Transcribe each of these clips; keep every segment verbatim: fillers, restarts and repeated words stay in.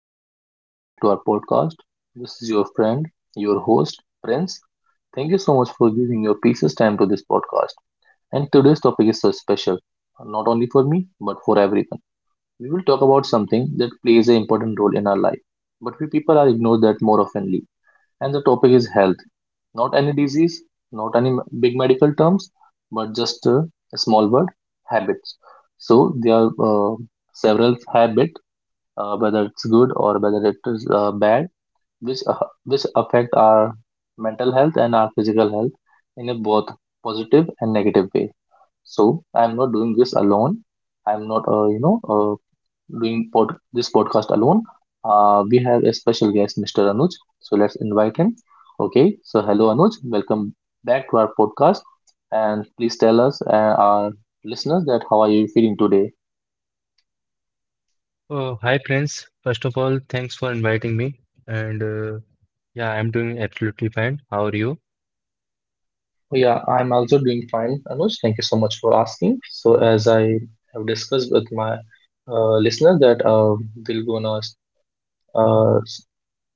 everyone. Welcome back to our podcast. This is your friend, your host, Prince. Thank you so much for giving your precious time to this podcast. And today's topic is so special, not only for me, but for everyone. We will talk about something that plays an important role in our life, but we people are ignored that more oftenly. And the topic is health. Not any disease, not any m- big medical terms, but just uh, a small word, habits. So there are uh, several habits uh, whether it's good or whether it is uh, bad, which uh, which affect our mental health and our physical health in a both positive and negative way. So I'm not doing this alone. I'm not uh, you know uh, doing pod- this podcast alone. Uh, we have a special guest, mister Anuj. So let's invite him. Okay. So hello, Anuj. Welcome back to our podcast, and please tell us uh, our listeners that how are you feeling today. Oh, hi Prince. First of all, thanks for inviting me. And uh, yeah, I'm doing absolutely fine. How are you? Well, yeah, I'm also doing fine, Anuj. Thank you so much for asking. So, as I have discussed with my uh, listener, that uh, we're gonna uh, s-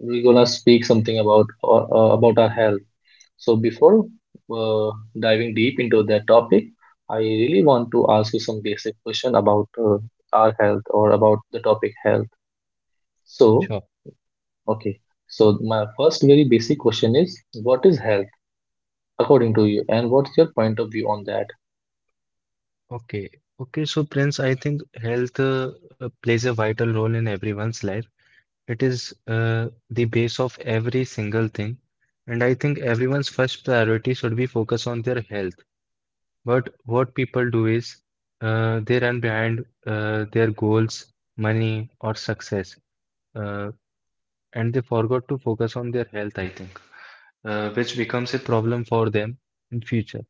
we're gonna speak something about uh, uh, about our health. So, before uh, diving deep into that topic, I really want to ask you some basic question about uh, our health or about the topic health. Sure. So, okay. So, my first very basic question is, what is health according to you, and what's your point of view on that? Okay. Okay. So Prince, I think health uh, uh, plays a vital role in everyone's life. It is uh, the base of every single thing. And I think everyone's first priority should be focus on their health. But what people do is uh, they run behind uh, their goals, money, or success, uh, and they forgot to focus on their health, I think, uh, which becomes a problem for them in future.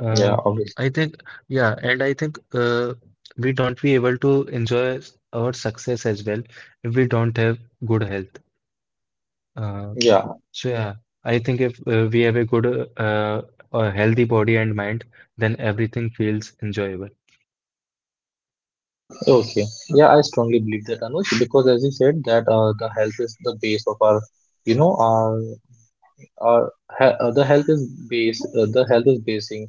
Uh, Yeah, obviously. I think, yeah, and I think uh, we don't be able to enjoy s- our success as well if we don't have good health. Uh, Yeah, so yeah, I think if uh, we have a good, uh, a healthy body and mind, then everything feels enjoyable. okay. Yeah, I strongly believe that, Anush, because as you said that uh, the health is the base of our, you know, our, our he- uh, the health is base, uh, the health is basing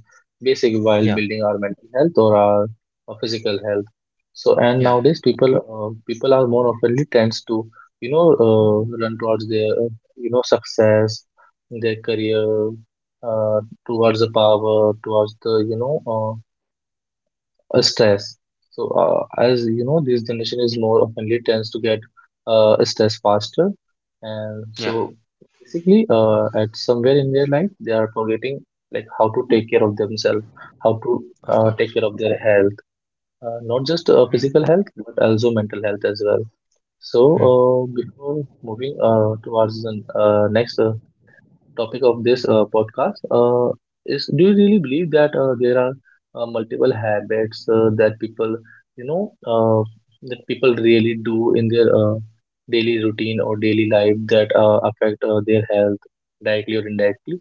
basic while Yeah, building our mental health or our uh, physical health. So, and Yeah, nowadays people uh, people are more oftenly tends to, you know, uh, run towards their, uh, you know, success, their career, uh, towards the power, towards the, you know, uh, uh, stress. So, uh, as you know, this generation is more oftenly tends to get uh, stress faster, and yeah, so basically, uh, at somewhere in their life, they are forgetting like how to take care of themselves, how to of uh, take care course. of their health, uh, not just uh, Hmm. physical health but also mental health as well. So, Hmm. uh, before moving uh, towards the uh, next uh, topic of this uh, podcast uh, is do you really believe that uh, there are uh, multiple habits uh, that people you know uh, that people really do in their uh, daily routine or daily life that uh, affect uh, their health directly or indirectly.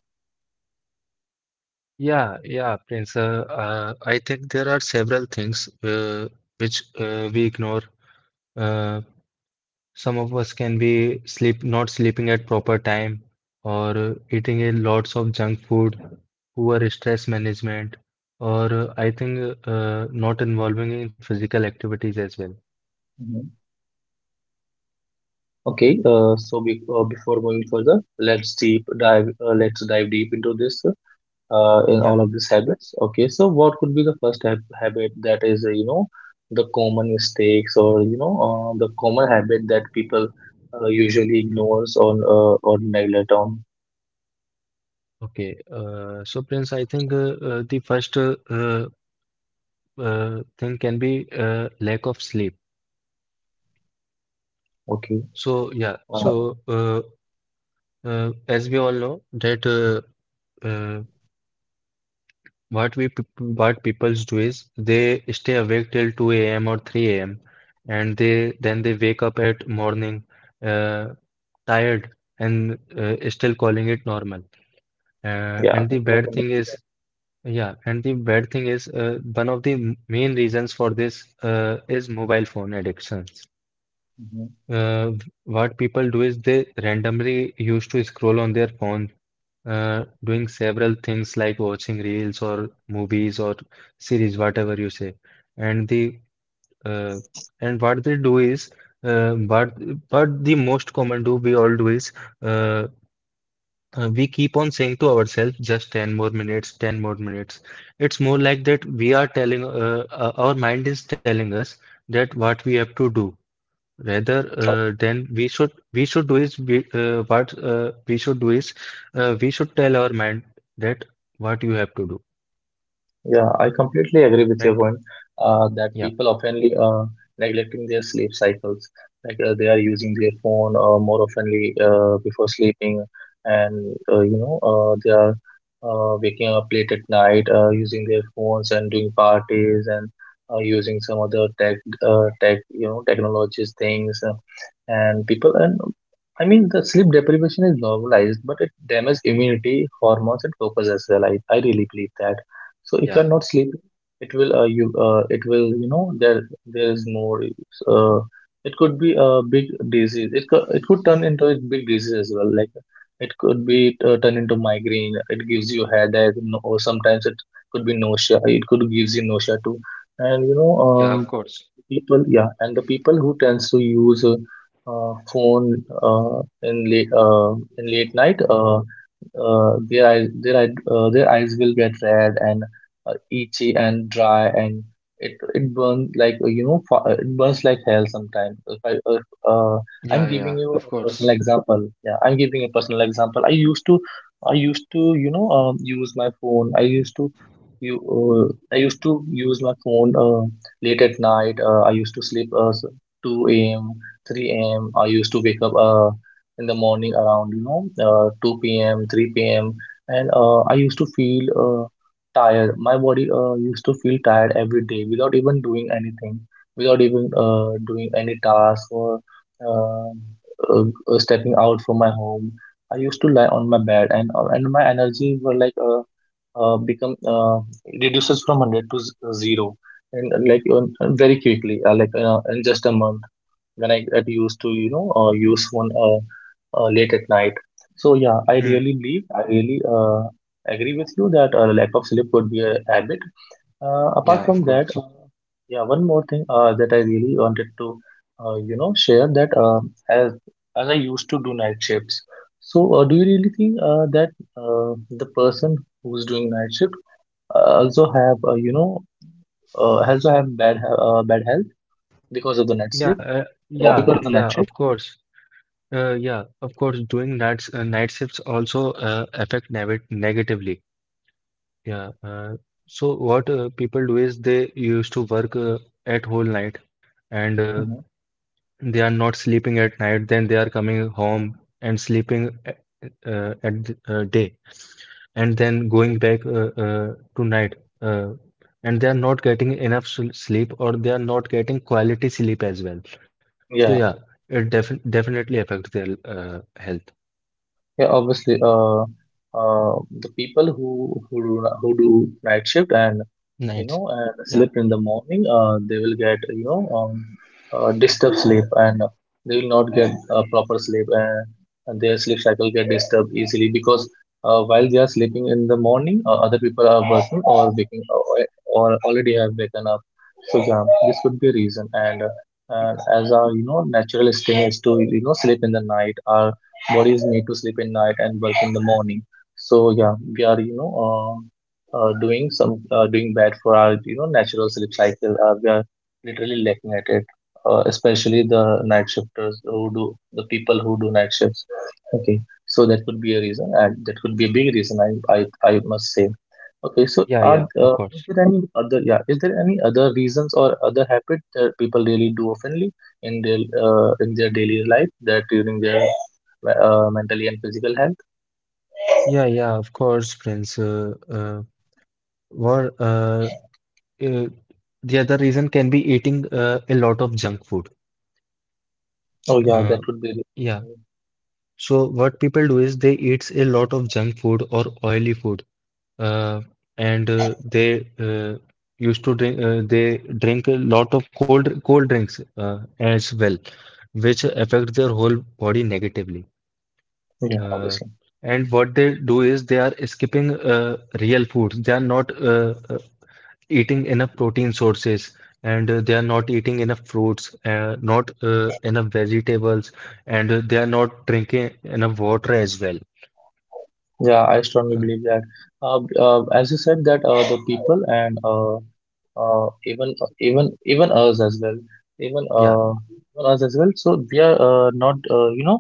Yeah, yeah, Prince. Uh, uh, I think there are several things uh, which uh, we ignore. Uh, Some of us can be sleep not sleeping at proper time or eating a lots of junk food, poor stress management, or uh, I think uh, not involving in physical activities as well. Mhm. Okay, uh, so be- uh, before moving further, let's deep dive uh, let's dive deep into this, uh, in all Yeah. of these habits. Okay, so what could be the first hab habit that is, uh, you know, the common mistakes or, you know, uh, the common habit that people uh, usually ignores or, uh, or neglect on? Okay, uh, so Prince, I think uh, uh, the first uh, uh, uh, thing can be uh, lack of sleep. Okay, So yeah, uh, so uh, uh, as we all know that, uh, uh, What we peop- what peoples do is they stay awake till two a m or three a m And they then they wake up at morning, uh, tired and uh, still calling it normal. Uh, yeah. and the People bad often thing neglect that. is, yeah, and the bad thing is, uh, one of the m- main reasons for this uh, is mobile phone addictions. Mhm. Uh, what people do is they randomly used to scroll on their phone, uh, doing several things like watching reels or movies or series, whatever you say. And the uh, and what they do is, uh, what what the most common do we all do is, uh, uh, we keep on saying to ourselves just ten more minutes, ten more minutes. It's more like that we are telling, uh, uh, our mind is telling us that what we have to do. Rather, uh, then we should we should do is we, uh, what uh, we should do is uh, we should tell our mind that what you have to do, Yeah, I completely agree with your right? point uh, that Yeah. people oftenly uh, neglecting their sleep cycles. Like uh, they are using their phone uh, more oftenly uh, before sleeping, and uh, you know uh, they are uh, waking up late at night uh, using their phones and doing parties and uh, using some other tech uh, tech you know technologies things uh, and people and I mean the sleep deprivation is normalized, but it damages immunity, hormones, and focus as well. I, I really believe that so if Yeah, you're not sleeping, it will uh, you uh, it will you know there there is more uh, it could be a big disease. It could it could turn into a big disease as well. Like it could be uh, turned into migraine. It gives you headache, no, or sometimes it could be nausea. It could gives you nausea too. And you know, yeah, of um course. people yeah and the people who tends to use uh, uh, phone uh, in late uh, in late night uh, uh, their eyes their eye, uh, their eyes will get red and uh, itchy and dry and it it burns like uh, you know fa- uh, it burns like hell sometimes if I, if, uh, Yeah, I'm giving yeah, you of a personal course. example, yeah, I'm giving a personal example. I used to I used to you know um, use my phone. I used to you uh, I used to use my phone uh, late at night. Uh, I used to sleep uh, s- two a m, three a m. I used to wake up uh, in the morning around, you know, uh, two p m, three p m. And uh, I used to feel uh, tired. My body uh, used to feel tired every day without even doing anything, without even uh, doing any task or uh, uh, uh, stepping out from my home. I used to lie on my bed and uh, and my energies were like uh, uh, become uh, reduces from one hundred to z- uh, zero and uh, like uh, very quickly, uh, like uh, in just a month when I get used to, you know, uh, use one uh, uh, late at night. So yeah, I really Hmm. believe, I really uh, agree with you that uh, lack of sleep could be a habit. Uh, apart Yeah, from of that, uh, course. yeah, one more thing uh, that I really wanted to uh, you know share, that uh, as as I used to do night shifts, so uh, do you really think uh, that uh, the person who's doing night shift uh, also have uh, you know uh, also have bad he- uh, bad health because of the night Yeah, sleep uh, or yeah, because of the yeah, night of shift. course. Uh, yeah, of course, doing nights, uh, night shifts also uh, affect neg negatively. Yeah. Uh, so what uh, people do is they used to work uh, at whole night, and uh, Mhm. They are not sleeping at night, then they are coming home and sleeping uh, at the, uh, day, and then going back uh, uh, to night. Uh, and they are not getting enough sl- sleep, or they are not getting quality sleep as well. So Yeah, yeah, it def definitely affects their uh, health. yeah, obviously. Uh, uh, the people who who do, who do night shift and you Nights. know, and Yeah. sleep in the morning, uh, they will get, you know, um, uh, disturbed sleep and they will not get uh, proper sleep and, and their sleep cycle get disturbed easily because uh, while they are sleeping in the morning, uh, other people are working or waking or, or already have waken up. So yeah, this could be a reason. And uh, and as our, you know, natural instinct is to, you know, sleep in the night. Our bodies need to sleep in night and work in the morning. So yeah, we are, you know, uh, uh, doing some uh, doing bad for our you know natural sleep cycle. Uh, we are literally looking at it, uh, especially the night shifters who do the people who do night shifts. Okay, so that could be a reason, and that could be a big reason. I I, I must say. Okay, so Yeah, yeah, are of uh, is course. there any other, yeah, is there any other reasons or other habit that people really do oftenly in their uh, in their daily life that during their uh, mentally and physical health? Yeah, yeah, of course, Prince. Uh, uh, what uh, uh, the other reason can be eating uh, a lot of junk food. Oh yeah, that Uh, would be, yeah. So what people do is they eats a lot of junk food or oily food, uh, and uh, they uh, used to drink uh, they drink a lot of cold cold drinks uh, as well, which affect their whole body negatively. yeah, Uh, obviously. and what they do is they are skipping uh, real foods. They are not uh, uh, eating enough protein sources, and uh, they are not eating enough fruits, uh, not uh, enough vegetables, and uh, they are not drinking enough water as well. Yeah, I strongly Uh, believe that. Uh, b- uh, as you said that uh, the people and uh, uh, even uh, even even us as well, even yeah, uh, even us as well. So we are uh, not uh, you know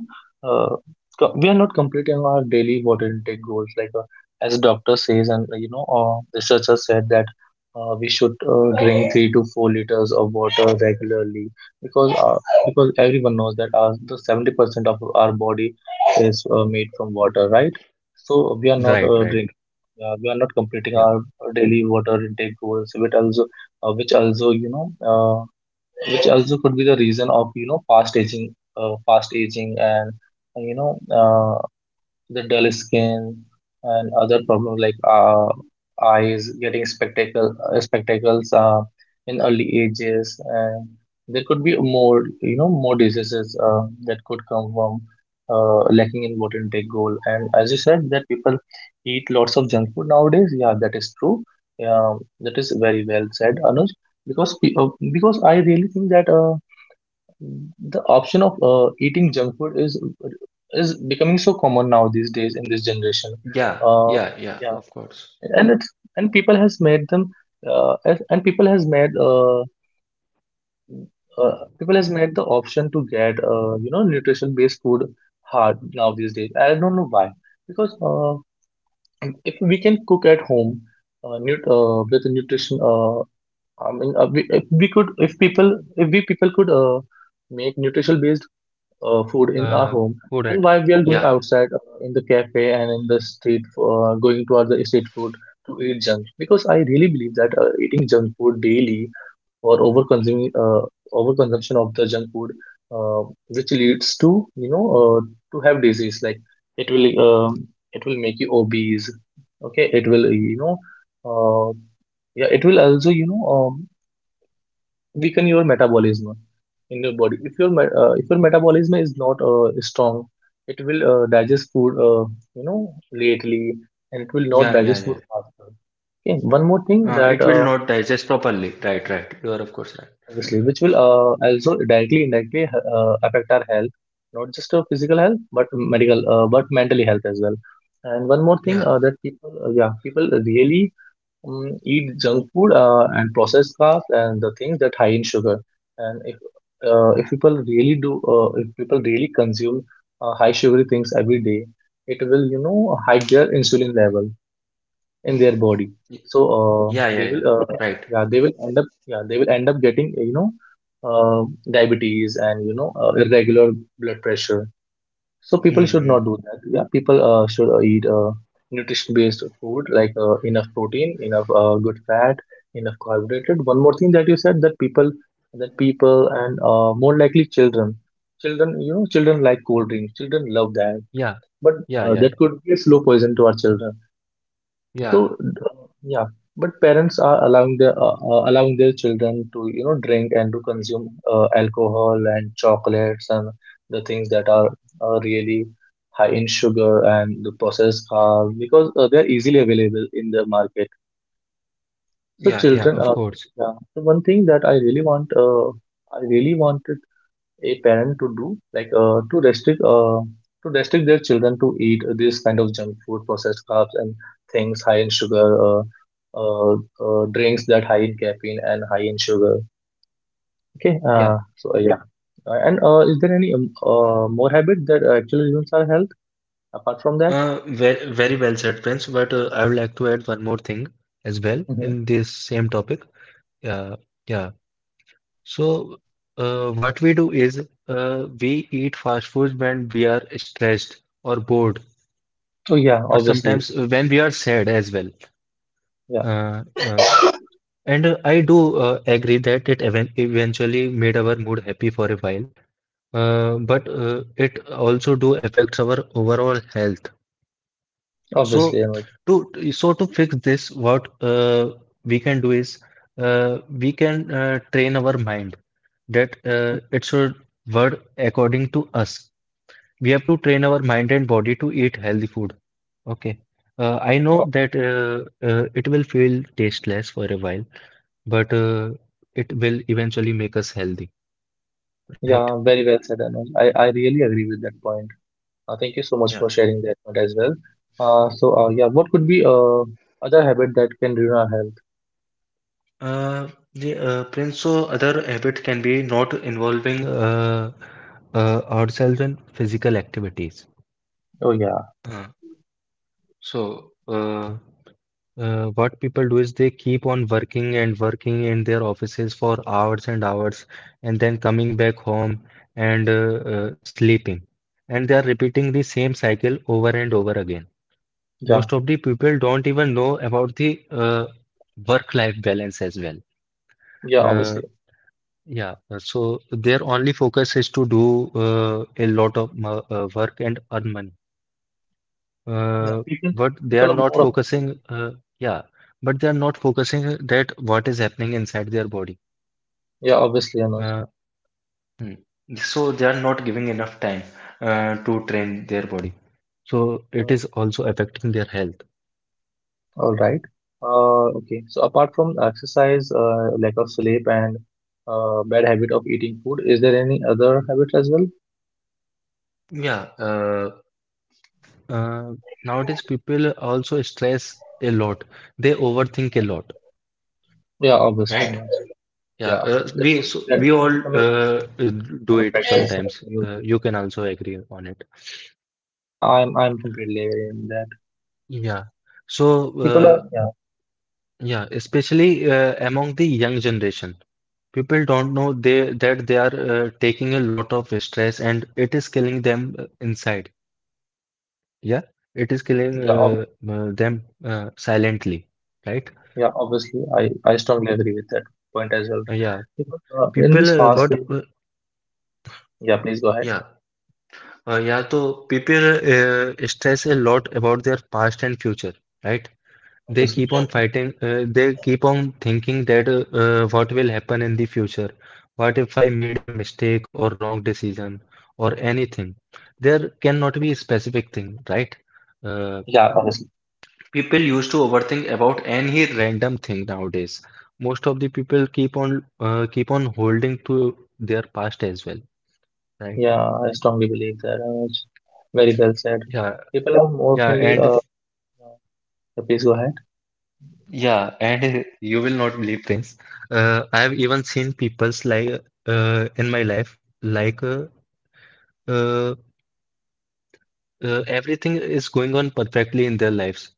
uh, co- we are not completing our daily water intake goals. Like uh, as doctor says, and uh, you know uh, researchers said that uh, we should uh, drink three to four liters of water regularly, because uh, because everyone knows that uh, the seventy percent of our body is uh, made from water, right? So we are right, not right. uh, drink, uh, we are not Yeah, completing our daily water intake goals, which also, uh, which also, you know, uh, which also could be the reason of, you know, fast aging, uh, fast aging, and you know, uh, the dull skin and other problems like uh, eyes getting spectacle uh, spectacles uh, in early ages and there could be more, you know, more diseases uh, that could come from uh, lacking in water intake goal. And as you said that people eat lots of junk food nowadays, yeah, that is true. Yeah, that is very well said, Anuj, because pe- uh, because I really think that uh, the option of uh, eating junk food is is becoming so common now these days in this generation. yeah, Uh, yeah, yeah, of yeah, course. and it's and people has made them uh, as- and people has made uh, uh, people has made the option to get uh, you know nutrition based food hard now these days. I don't know why because uh, if we can cook at home uh, nut uh, with nutrition uh, I mean uh, we, if we could if people if we people could uh, make nutrition based uh, food in uh, our home. Food it. And why we are Yeah, going outside uh, in the cafe and in the street for going towards the street food to eat junk, because I really believe that uh, eating junk food daily or over consuming uh, overconsumption of the junk food uh, which leads to, you know, uh, to have disease like, it will um, it will make you obese. Okay, it will, you know, uh, yeah, it will also, you know, um, weaken your metabolism in your body. If your me- uh, if your metabolism is not uh, strong, it will uh, digest food, uh, you know, lately, and it will not yeah, yeah, digest yeah. food faster. Okay. One more thing Uh, that It will uh, not digest properly. Right, right. You are of course right. obviously, which will uh, also directly indirectly uh, affect our health, not just our physical health but medical uh, but mentally health as well. And one more thing Yeah, uh, that people uh, yeah, people really Mm, eat junk food uh, and processed carbs and the things that high in sugar. And if uh, if people really do, uh, if people really consume uh, high sugary things every day, it will, you know, hike their insulin level in their body. Y- So uh, yeah, they yeah, yeah. will uh, Right. yeah they will end up yeah they will end up getting, you know, uh, diabetes and, you know, uh, irregular blood pressure. So Hmm. people should Hmm. not do that. Yeah, people uh, should uh, eat uh, nutrition-based food like uh, enough protein, enough uh, good fat, enough carbohydrate. One more thing that you said that people, that people and uh, more likely children, children, you know, children like cold drinks. Children love that, Yeah, but yeah, uh, yeah, yeah, that could be a slow poison to our children. yeah, So uh, yeah, but parents are allowing their uh, uh, allowing their children to, you know, drink and to consume uh, alcohol and chocolates and the things that are uh, really high in sugar and the processed carbs, because uh, they're easily available in the market. So yeah, yeah. Yeah. children Of are course. yeah. So one thing that I really want uh, I really wanted a parent to do, like uh, to restrict uh, to restrict their children to eat this kind of junk food, processed carbs and things high in sugar, uh, uh, uh, drinks that high in caffeine and high in sugar. okay Yeah. uh, so uh, yeah. Yeah. Uh, and uh, is there any um, uh, more habit that actually ruins our health apart from that? Uh, very, very well said, Prince. But uh, I would like to add one more thing as well Hmm. in this same topic. Yeah, yeah. So, uh, what we do is uh, we eat fast food when we are stressed or bored, Oh yeah, or obviously. sometimes when we are sad as well. Yeah, Uh, uh, and uh, I do uh, agree that it even eventually made our mood happy for a while, uh, but uh, it also do affects our overall health. So, obviously, Anuj. to so to fix this, what uh, we can do is uh, we can uh, train our mind that uh, it should work according to us. We have to train our mind and body to eat healthy food. Okay. Uh, I know Oh, that uh, uh, it will feel tasteless for a while, but uh, it will eventually make us healthy, right? yeah, very well said, Anuj. I, I really agree with that point. Uh, thank you so Yeah. much for sharing that part as well. Uh, so uh, yeah, what could be uh, other habit that can ruin our health? Uh, the uh, Prince, so other habit can be not involving uh, uh, ourselves in physical activities. Oh yeah, Uh, so, uh, Uh, what people do is they keep on working and working in their offices for hours and hours, and then coming back home and uh, uh, sleeping. And they are repeating the same cycle over and over again. yeah, Most of the people don't even know about the uh, work-life balance as well. yeah. Uh, Obviously, yeah, uh, so their only focus is to do uh, a lot of mo- uh, work and earn money. yeah. Uh, People but they are people are not more of, focusing, uh, yeah, but they are not focusing that what is happening inside their body. yeah. Obviously, Anuj. Uh, hmm. So they are not giving enough time uh, to train their body. So it Uh, is also affecting their health. all right. Uh, okay. So apart from exercise, uh, lack of sleep, and uh, bad habit of eating food, is there any other habit as well? Yeah, uh, uh, nowadays people also stress a lot. They overthink a lot, Yeah, obviously, right? Anuj. Yeah, Yeah, uh, that, we so that, we that's all becoming uh, do common it practice. sometimes. Uh, you can also agree on it. Yeah, I'm I'm completely aware in that. Yeah. People So, are, yeah, yeah, especially uh, among the young generation. People don't know they that they are uh, taking a lot of stress and it is killing them uh, inside. Yeah, it is killing yeah, uh, obviously. uh, them uh, silently, right? Yeah, obviously, I, I strongly agree with that point as well. Uh, yeah, Because, uh, in people this uh, fast what way, uh, yeah, please go ahead. yeah uh, yeah. So people uh, stress a lot about their past and future, right? They Obviously, keep on fighting, uh, they keep on thinking that uh, uh, what will happen in the future? What if I made a mistake or wrong decision or anything? There cannot be a specific thing, right? Uh, yeah, obviously, People used to overthink about any random thing nowadays. Most of the people keep on uh, keep on holding to their past as well, right? yeah, I strongly believe that. Uh, it's very well said. Yeah, People are more yeah, friendly. and Uh, uh, Please go ahead. Yeah, and you will not believe things. Uh, I have even seen people's like uh, in my life, like uh, uh, uh, everything is going on perfectly in their lives.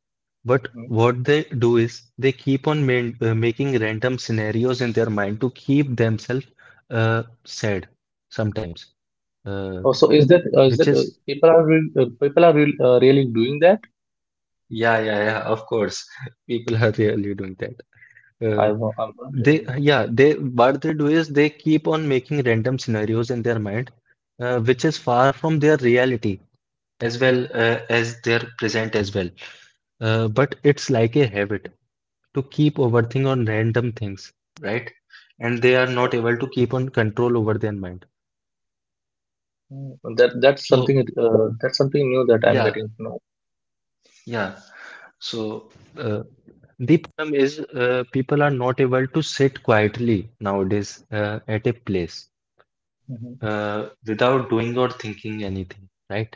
But Mhm. what they do is they keep on main, uh, making random scenarios in their mind to keep themselves uh, sad sometimes, uh, Oh, so is that uh, which is that is uh, people are real uh, people are real uh, really doing that? yeah, yeah, yeah. Of course, people are really doing that. Uh, I wa- I'm They, wondering. yeah, they, what they do is they keep on making random scenarios in their mind, uh, which is far from their reality as well Mhm. uh, as their present as well. Uh, but it's like a habit to keep overthinking on random things, right? And they are not able to keep on control over their mind. Okay. That that's So, something uh, that's something new that I'm yeah, getting to know. yeah. So, uh, the problem is uh, people are not able to sit quietly nowadays uh, at a place, Mhm. uh, without doing or thinking anything, right?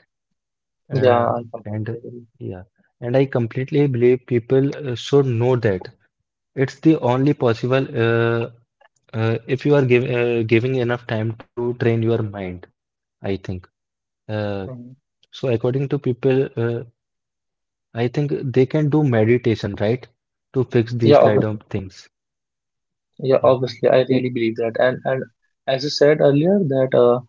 Yeah, Uh, I and completely agree. yeah, and I completely believe people uh, should know that it's the only possible uh, uh, if you are giv uh, giving enough time to train your mind, I think. Uh, Mhm. so according to people, uh, I think they can do meditation, right? To fix these Yeah, kind obviously. of things. Yeah, Yeah. obviously, I really believe that. And and as I said earlier, that uh,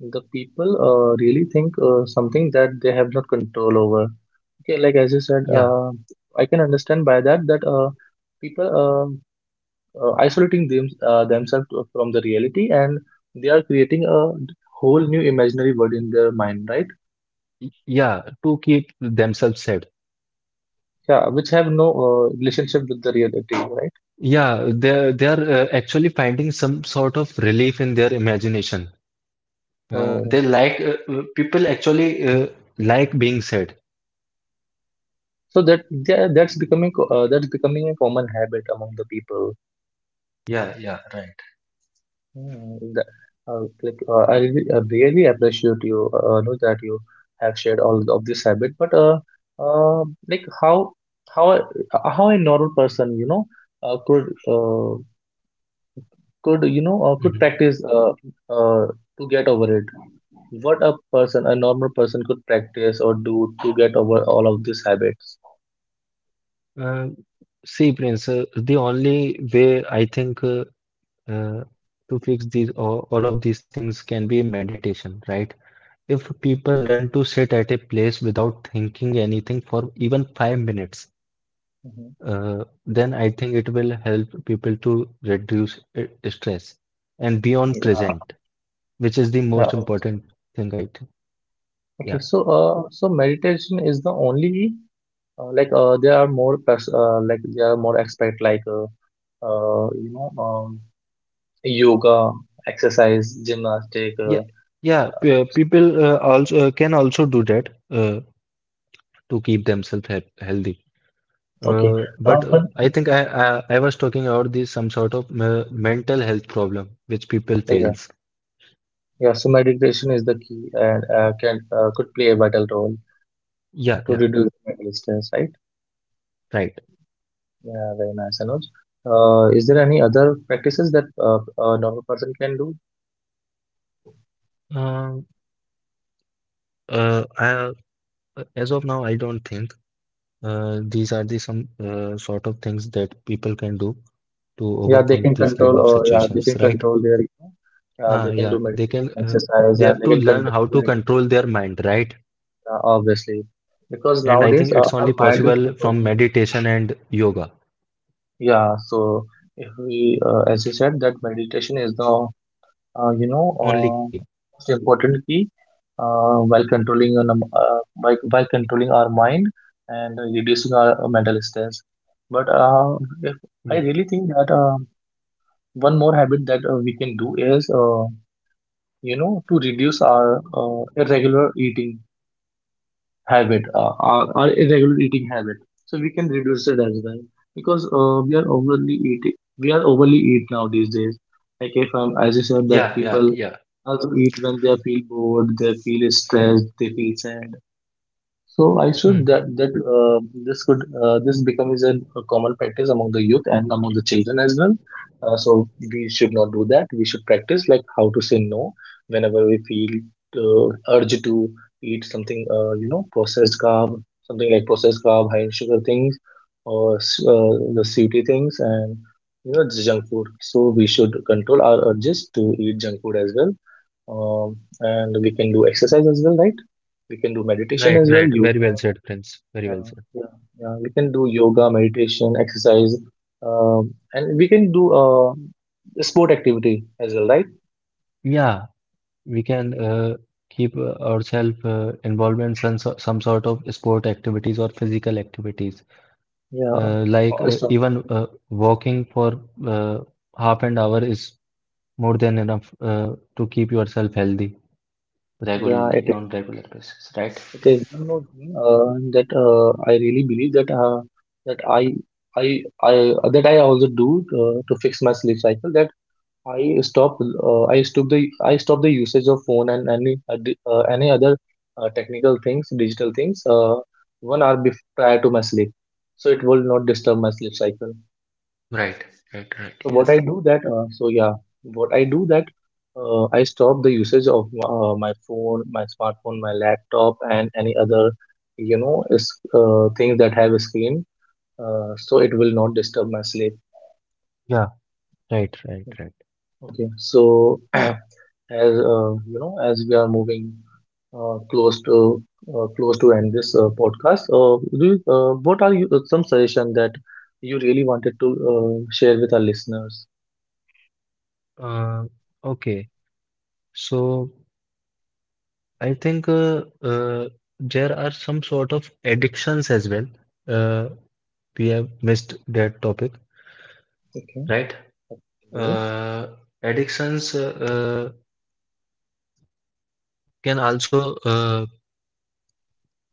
the people uh, really think uh, something that they have not control over. Okay, like as you said, Yeah. uh, I can understand by that that uh, people uh, uh, isolating them, uh, themselves from the reality, and they are creating a whole new imaginary world in their mind, right? Y- Yeah. To keep themselves safe. Yeah, which have no uh, relationship with the reality, right? Yeah, they're they're uh, actually finding some sort of relief in their imagination. Uh, Oh. they like uh, uh, People actually uh, like being sad. So that that- that's becoming co- uh, that's becoming a common habit among the people. Yeah, yeah, right. Hmm. the- uh, like, uh, I really I really appreciate you, uh, know that you have shared all of this habit. But uh, uh, like how how a- uh, how a normal person, you know, uh, could uh, could, you know, uh, could Mhm. practice uh, uh, to get over it. What a person, a normal person, could practice or do to get over all of these habits. Uh, see, Prince, uh, the only way I think uh, uh, to fix these all, all of these things can be meditation, right? If people learn to sit at a place without thinking anything for even five minutes, Mhm. uh, then I think it will help people to reduce uh, stress and be on Yeah. present, which is the Yeah. most important thing, right? Yeah, Okay. So, uh, so meditation is the only. Uh, like uh, there are more pers- uh, like there are more aspect like uh, uh, you know, um, yoga, exercise, gymnastic. Uh, yeah, yeah. pe- People uh, also uh, can also do that uh, to keep themselves he healthy. Okay. Uh, Uh, but uh, but- I think I, I I was talking about this some sort of uh, mental health problem which people yeah. fails. Yeah. So meditation is the key and uh, can uh, could play a vital role Yeah, yeah, to reduce mental stress. Right. right. Yeah. Very nice, Anuj. Uh, is there any other practices that uh, a normal person can do? Um uh, I, as of now, I don't think. Uh, these are the some uh, sort of things that people can do to Yeah, they overcome can these control, kind of or yeah, they can situations, right? control their, you know, uh, they Uh, can do Yeah, they meditation can. Uh, exercise, They and have they to can learn control how to their. control their mind, right? Yeah, obviously, because And I think nowadays uh, it's our only mind is possible controlling from it. meditation and yoga. Yeah, so if we, uh, as you said, that meditation is the, uh, you know, Only uh, key. most important key uh, while controlling an, um, uh, by, by controlling our mind and reducing our uh, mental stress. But uh, if Yeah. I really think that uh, one more habit that uh, we can do is, uh, you know, to reduce our uh, irregular eating habit uh, or, or irregular eating habit, so we can reduce it as well, because uh, we are overly eating, we are overly eat now these days. Like if I'm, as you said, that Yeah. Yeah. people Yeah. also eat when they feel bored, they feel stressed, they feel sad, so I should Hmm. that that uh, this could uh, this becomes a, a common practice among the youth and among the children as well. Uh, so we should not do that. We should practice like how to say no whenever we feel uh, urge to eat something, uh, you know, processed carb, something like processed carb, high in sugar things, or s- uh, the sweetie things, and, you know, the junk food. So we should control our urges to eat junk food as well, um, and we can do exercise as well, right? We can do meditation Right. as well, Right. Very well yoga. said, Prince. Very well Uh, said. Yeah, yeah, we can do yoga, meditation, exercise, um, and we can do uh, sport activity as well, right? Yeah, we can uh, keep uh, ourselves uh, involved in some so- some sort of sport activities or physical activities. Yeah, Uh, like uh, also, even uh, walking for uh, half an hour is more than enough uh, to keep yourself healthy yeah, it regularly on is. regular basis, right? It is one more thing uh, that uh, I really believe that uh, that I I I that I also do uh, to fix my sleep cycle. That I stop. Uh, I stop the. I stop the usage of phone and any ad- uh, any other uh, technical things, digital things. Uh, one hour before, prior to my sleep, so it will not disturb my sleep cycle. Right, right, right. So what Yes. I do that. Uh, so yeah, what I do that. Uh, I stop the usage of uh, my phone, my smartphone, my laptop, and any other, you know, is, uh, things that have a screen. Uh, so it will not disturb my sleep. Yeah, right, right, right. Okay. So as uh, you know, as we are moving uh, close to uh, close to end this uh, podcast. Uh, do you, uh, what are you, uh, some suggestion that you really wanted to uh, share with our listeners? Uh, okay, so I think uh, uh, there are some sort of addictions as well. Uh, we have missed that topic, Okay. right? Yeah. Uh, addictions uh, uh, can also uh,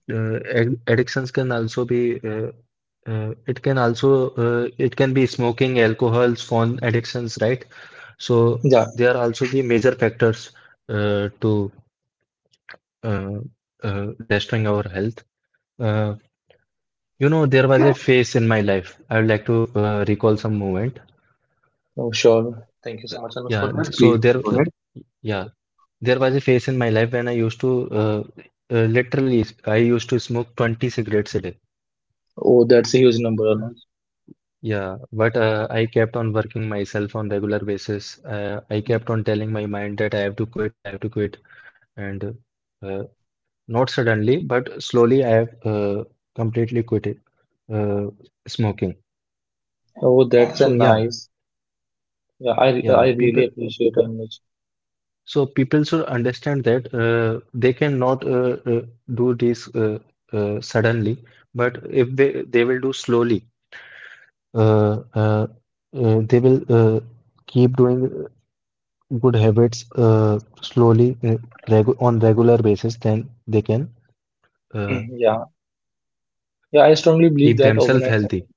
uh, ad- Addictions can also be uh, uh, it can also uh, it can be smoking, alcohols, phone addictions, right? So Yeah. they are also the major factors uh, to uh, uh, destroying our health. Uh, you know, there was a phase in my life. I would like to uh, recall some moment. Oh, sure. Thank you Uh, so much, Anush, for Yeah, that. th- Please so there, go uh, ahead. yeah, there was a phase in my life when I used to uh, uh, literally I used to smoke twenty cigarettes a day. Oh, that's a huge number, Uh, Anush. Yeah, but uh, I kept on working myself on regular basis. Uh, I kept on telling my mind that I have to quit, I have to quit, and uh, not suddenly, but slowly, I have uh, completely quit it, uh, smoking. Oh, that's a So yeah, nice. Yeah, I yeah, I really people. appreciate Anush. So people should understand that uh, they cannot uh, uh, do this uh, uh, suddenly, but if they they will do slowly, uh, uh, uh, they will uh, keep doing. good habits uh, slowly, uh, regu on regular basis, then they can uh, Yeah. Yeah, I strongly believe keep that themselves overnight. healthy.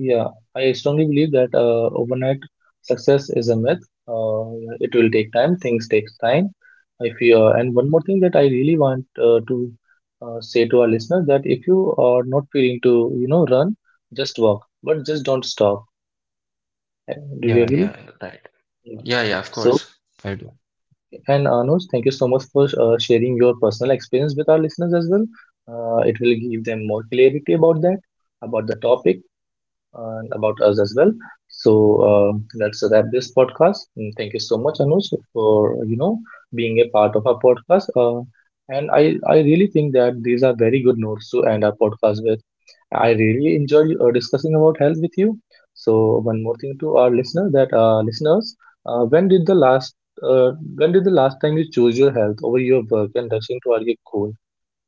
Yeah, I strongly believe that uh, overnight success is a myth. Uh, it will take time. Things takes time. If you uh, and one more thing that I really want uh, to uh, say to our listeners, that if you are not feeling to, you know, run, just walk, but just don't stop. Uh, Do you Yeah, agree? yeah, right. Yeah. Yeah, yeah, of So course. I do. and Anuj, thank you so much for uh, sharing your personal experience with our listeners as well. Uh, it will give them more clarity about that, about the topic and about us as well. So uh, let's wrap this podcast. And thank you so much, Anuj, for, you know, being a part of our podcast. Uh, and I I really think that these are very good notes to end our podcast with. I really enjoy uh, discussing about health with you. So one more thing to our listener, that uh, listeners, uh, when did the last uh, when did the last time you chose your health over your work and rushing toward your goal?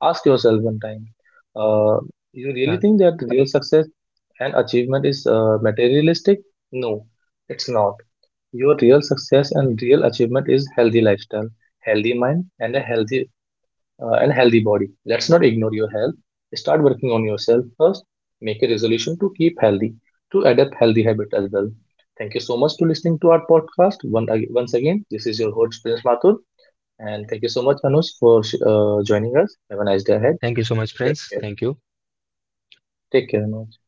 Ask yourself one time. Uh, you Yeah. really think that real success and achievement is uh, materialistic? No, it's not. Your real success and real achievement is healthy lifestyle, healthy mind, and a healthy uh, and healthy body. Let's not ignore your health. Start working on yourself first. Make a resolution to keep healthy, to adapt healthy habit as well. Thank you so much to listening to our podcast. One, ag- once again, this is your host Prince Mathur, and thank you so much Anush for uh, joining us. Have a nice day ahead. Thank you so much, Take friends. care. Thank you. Take care, Anush.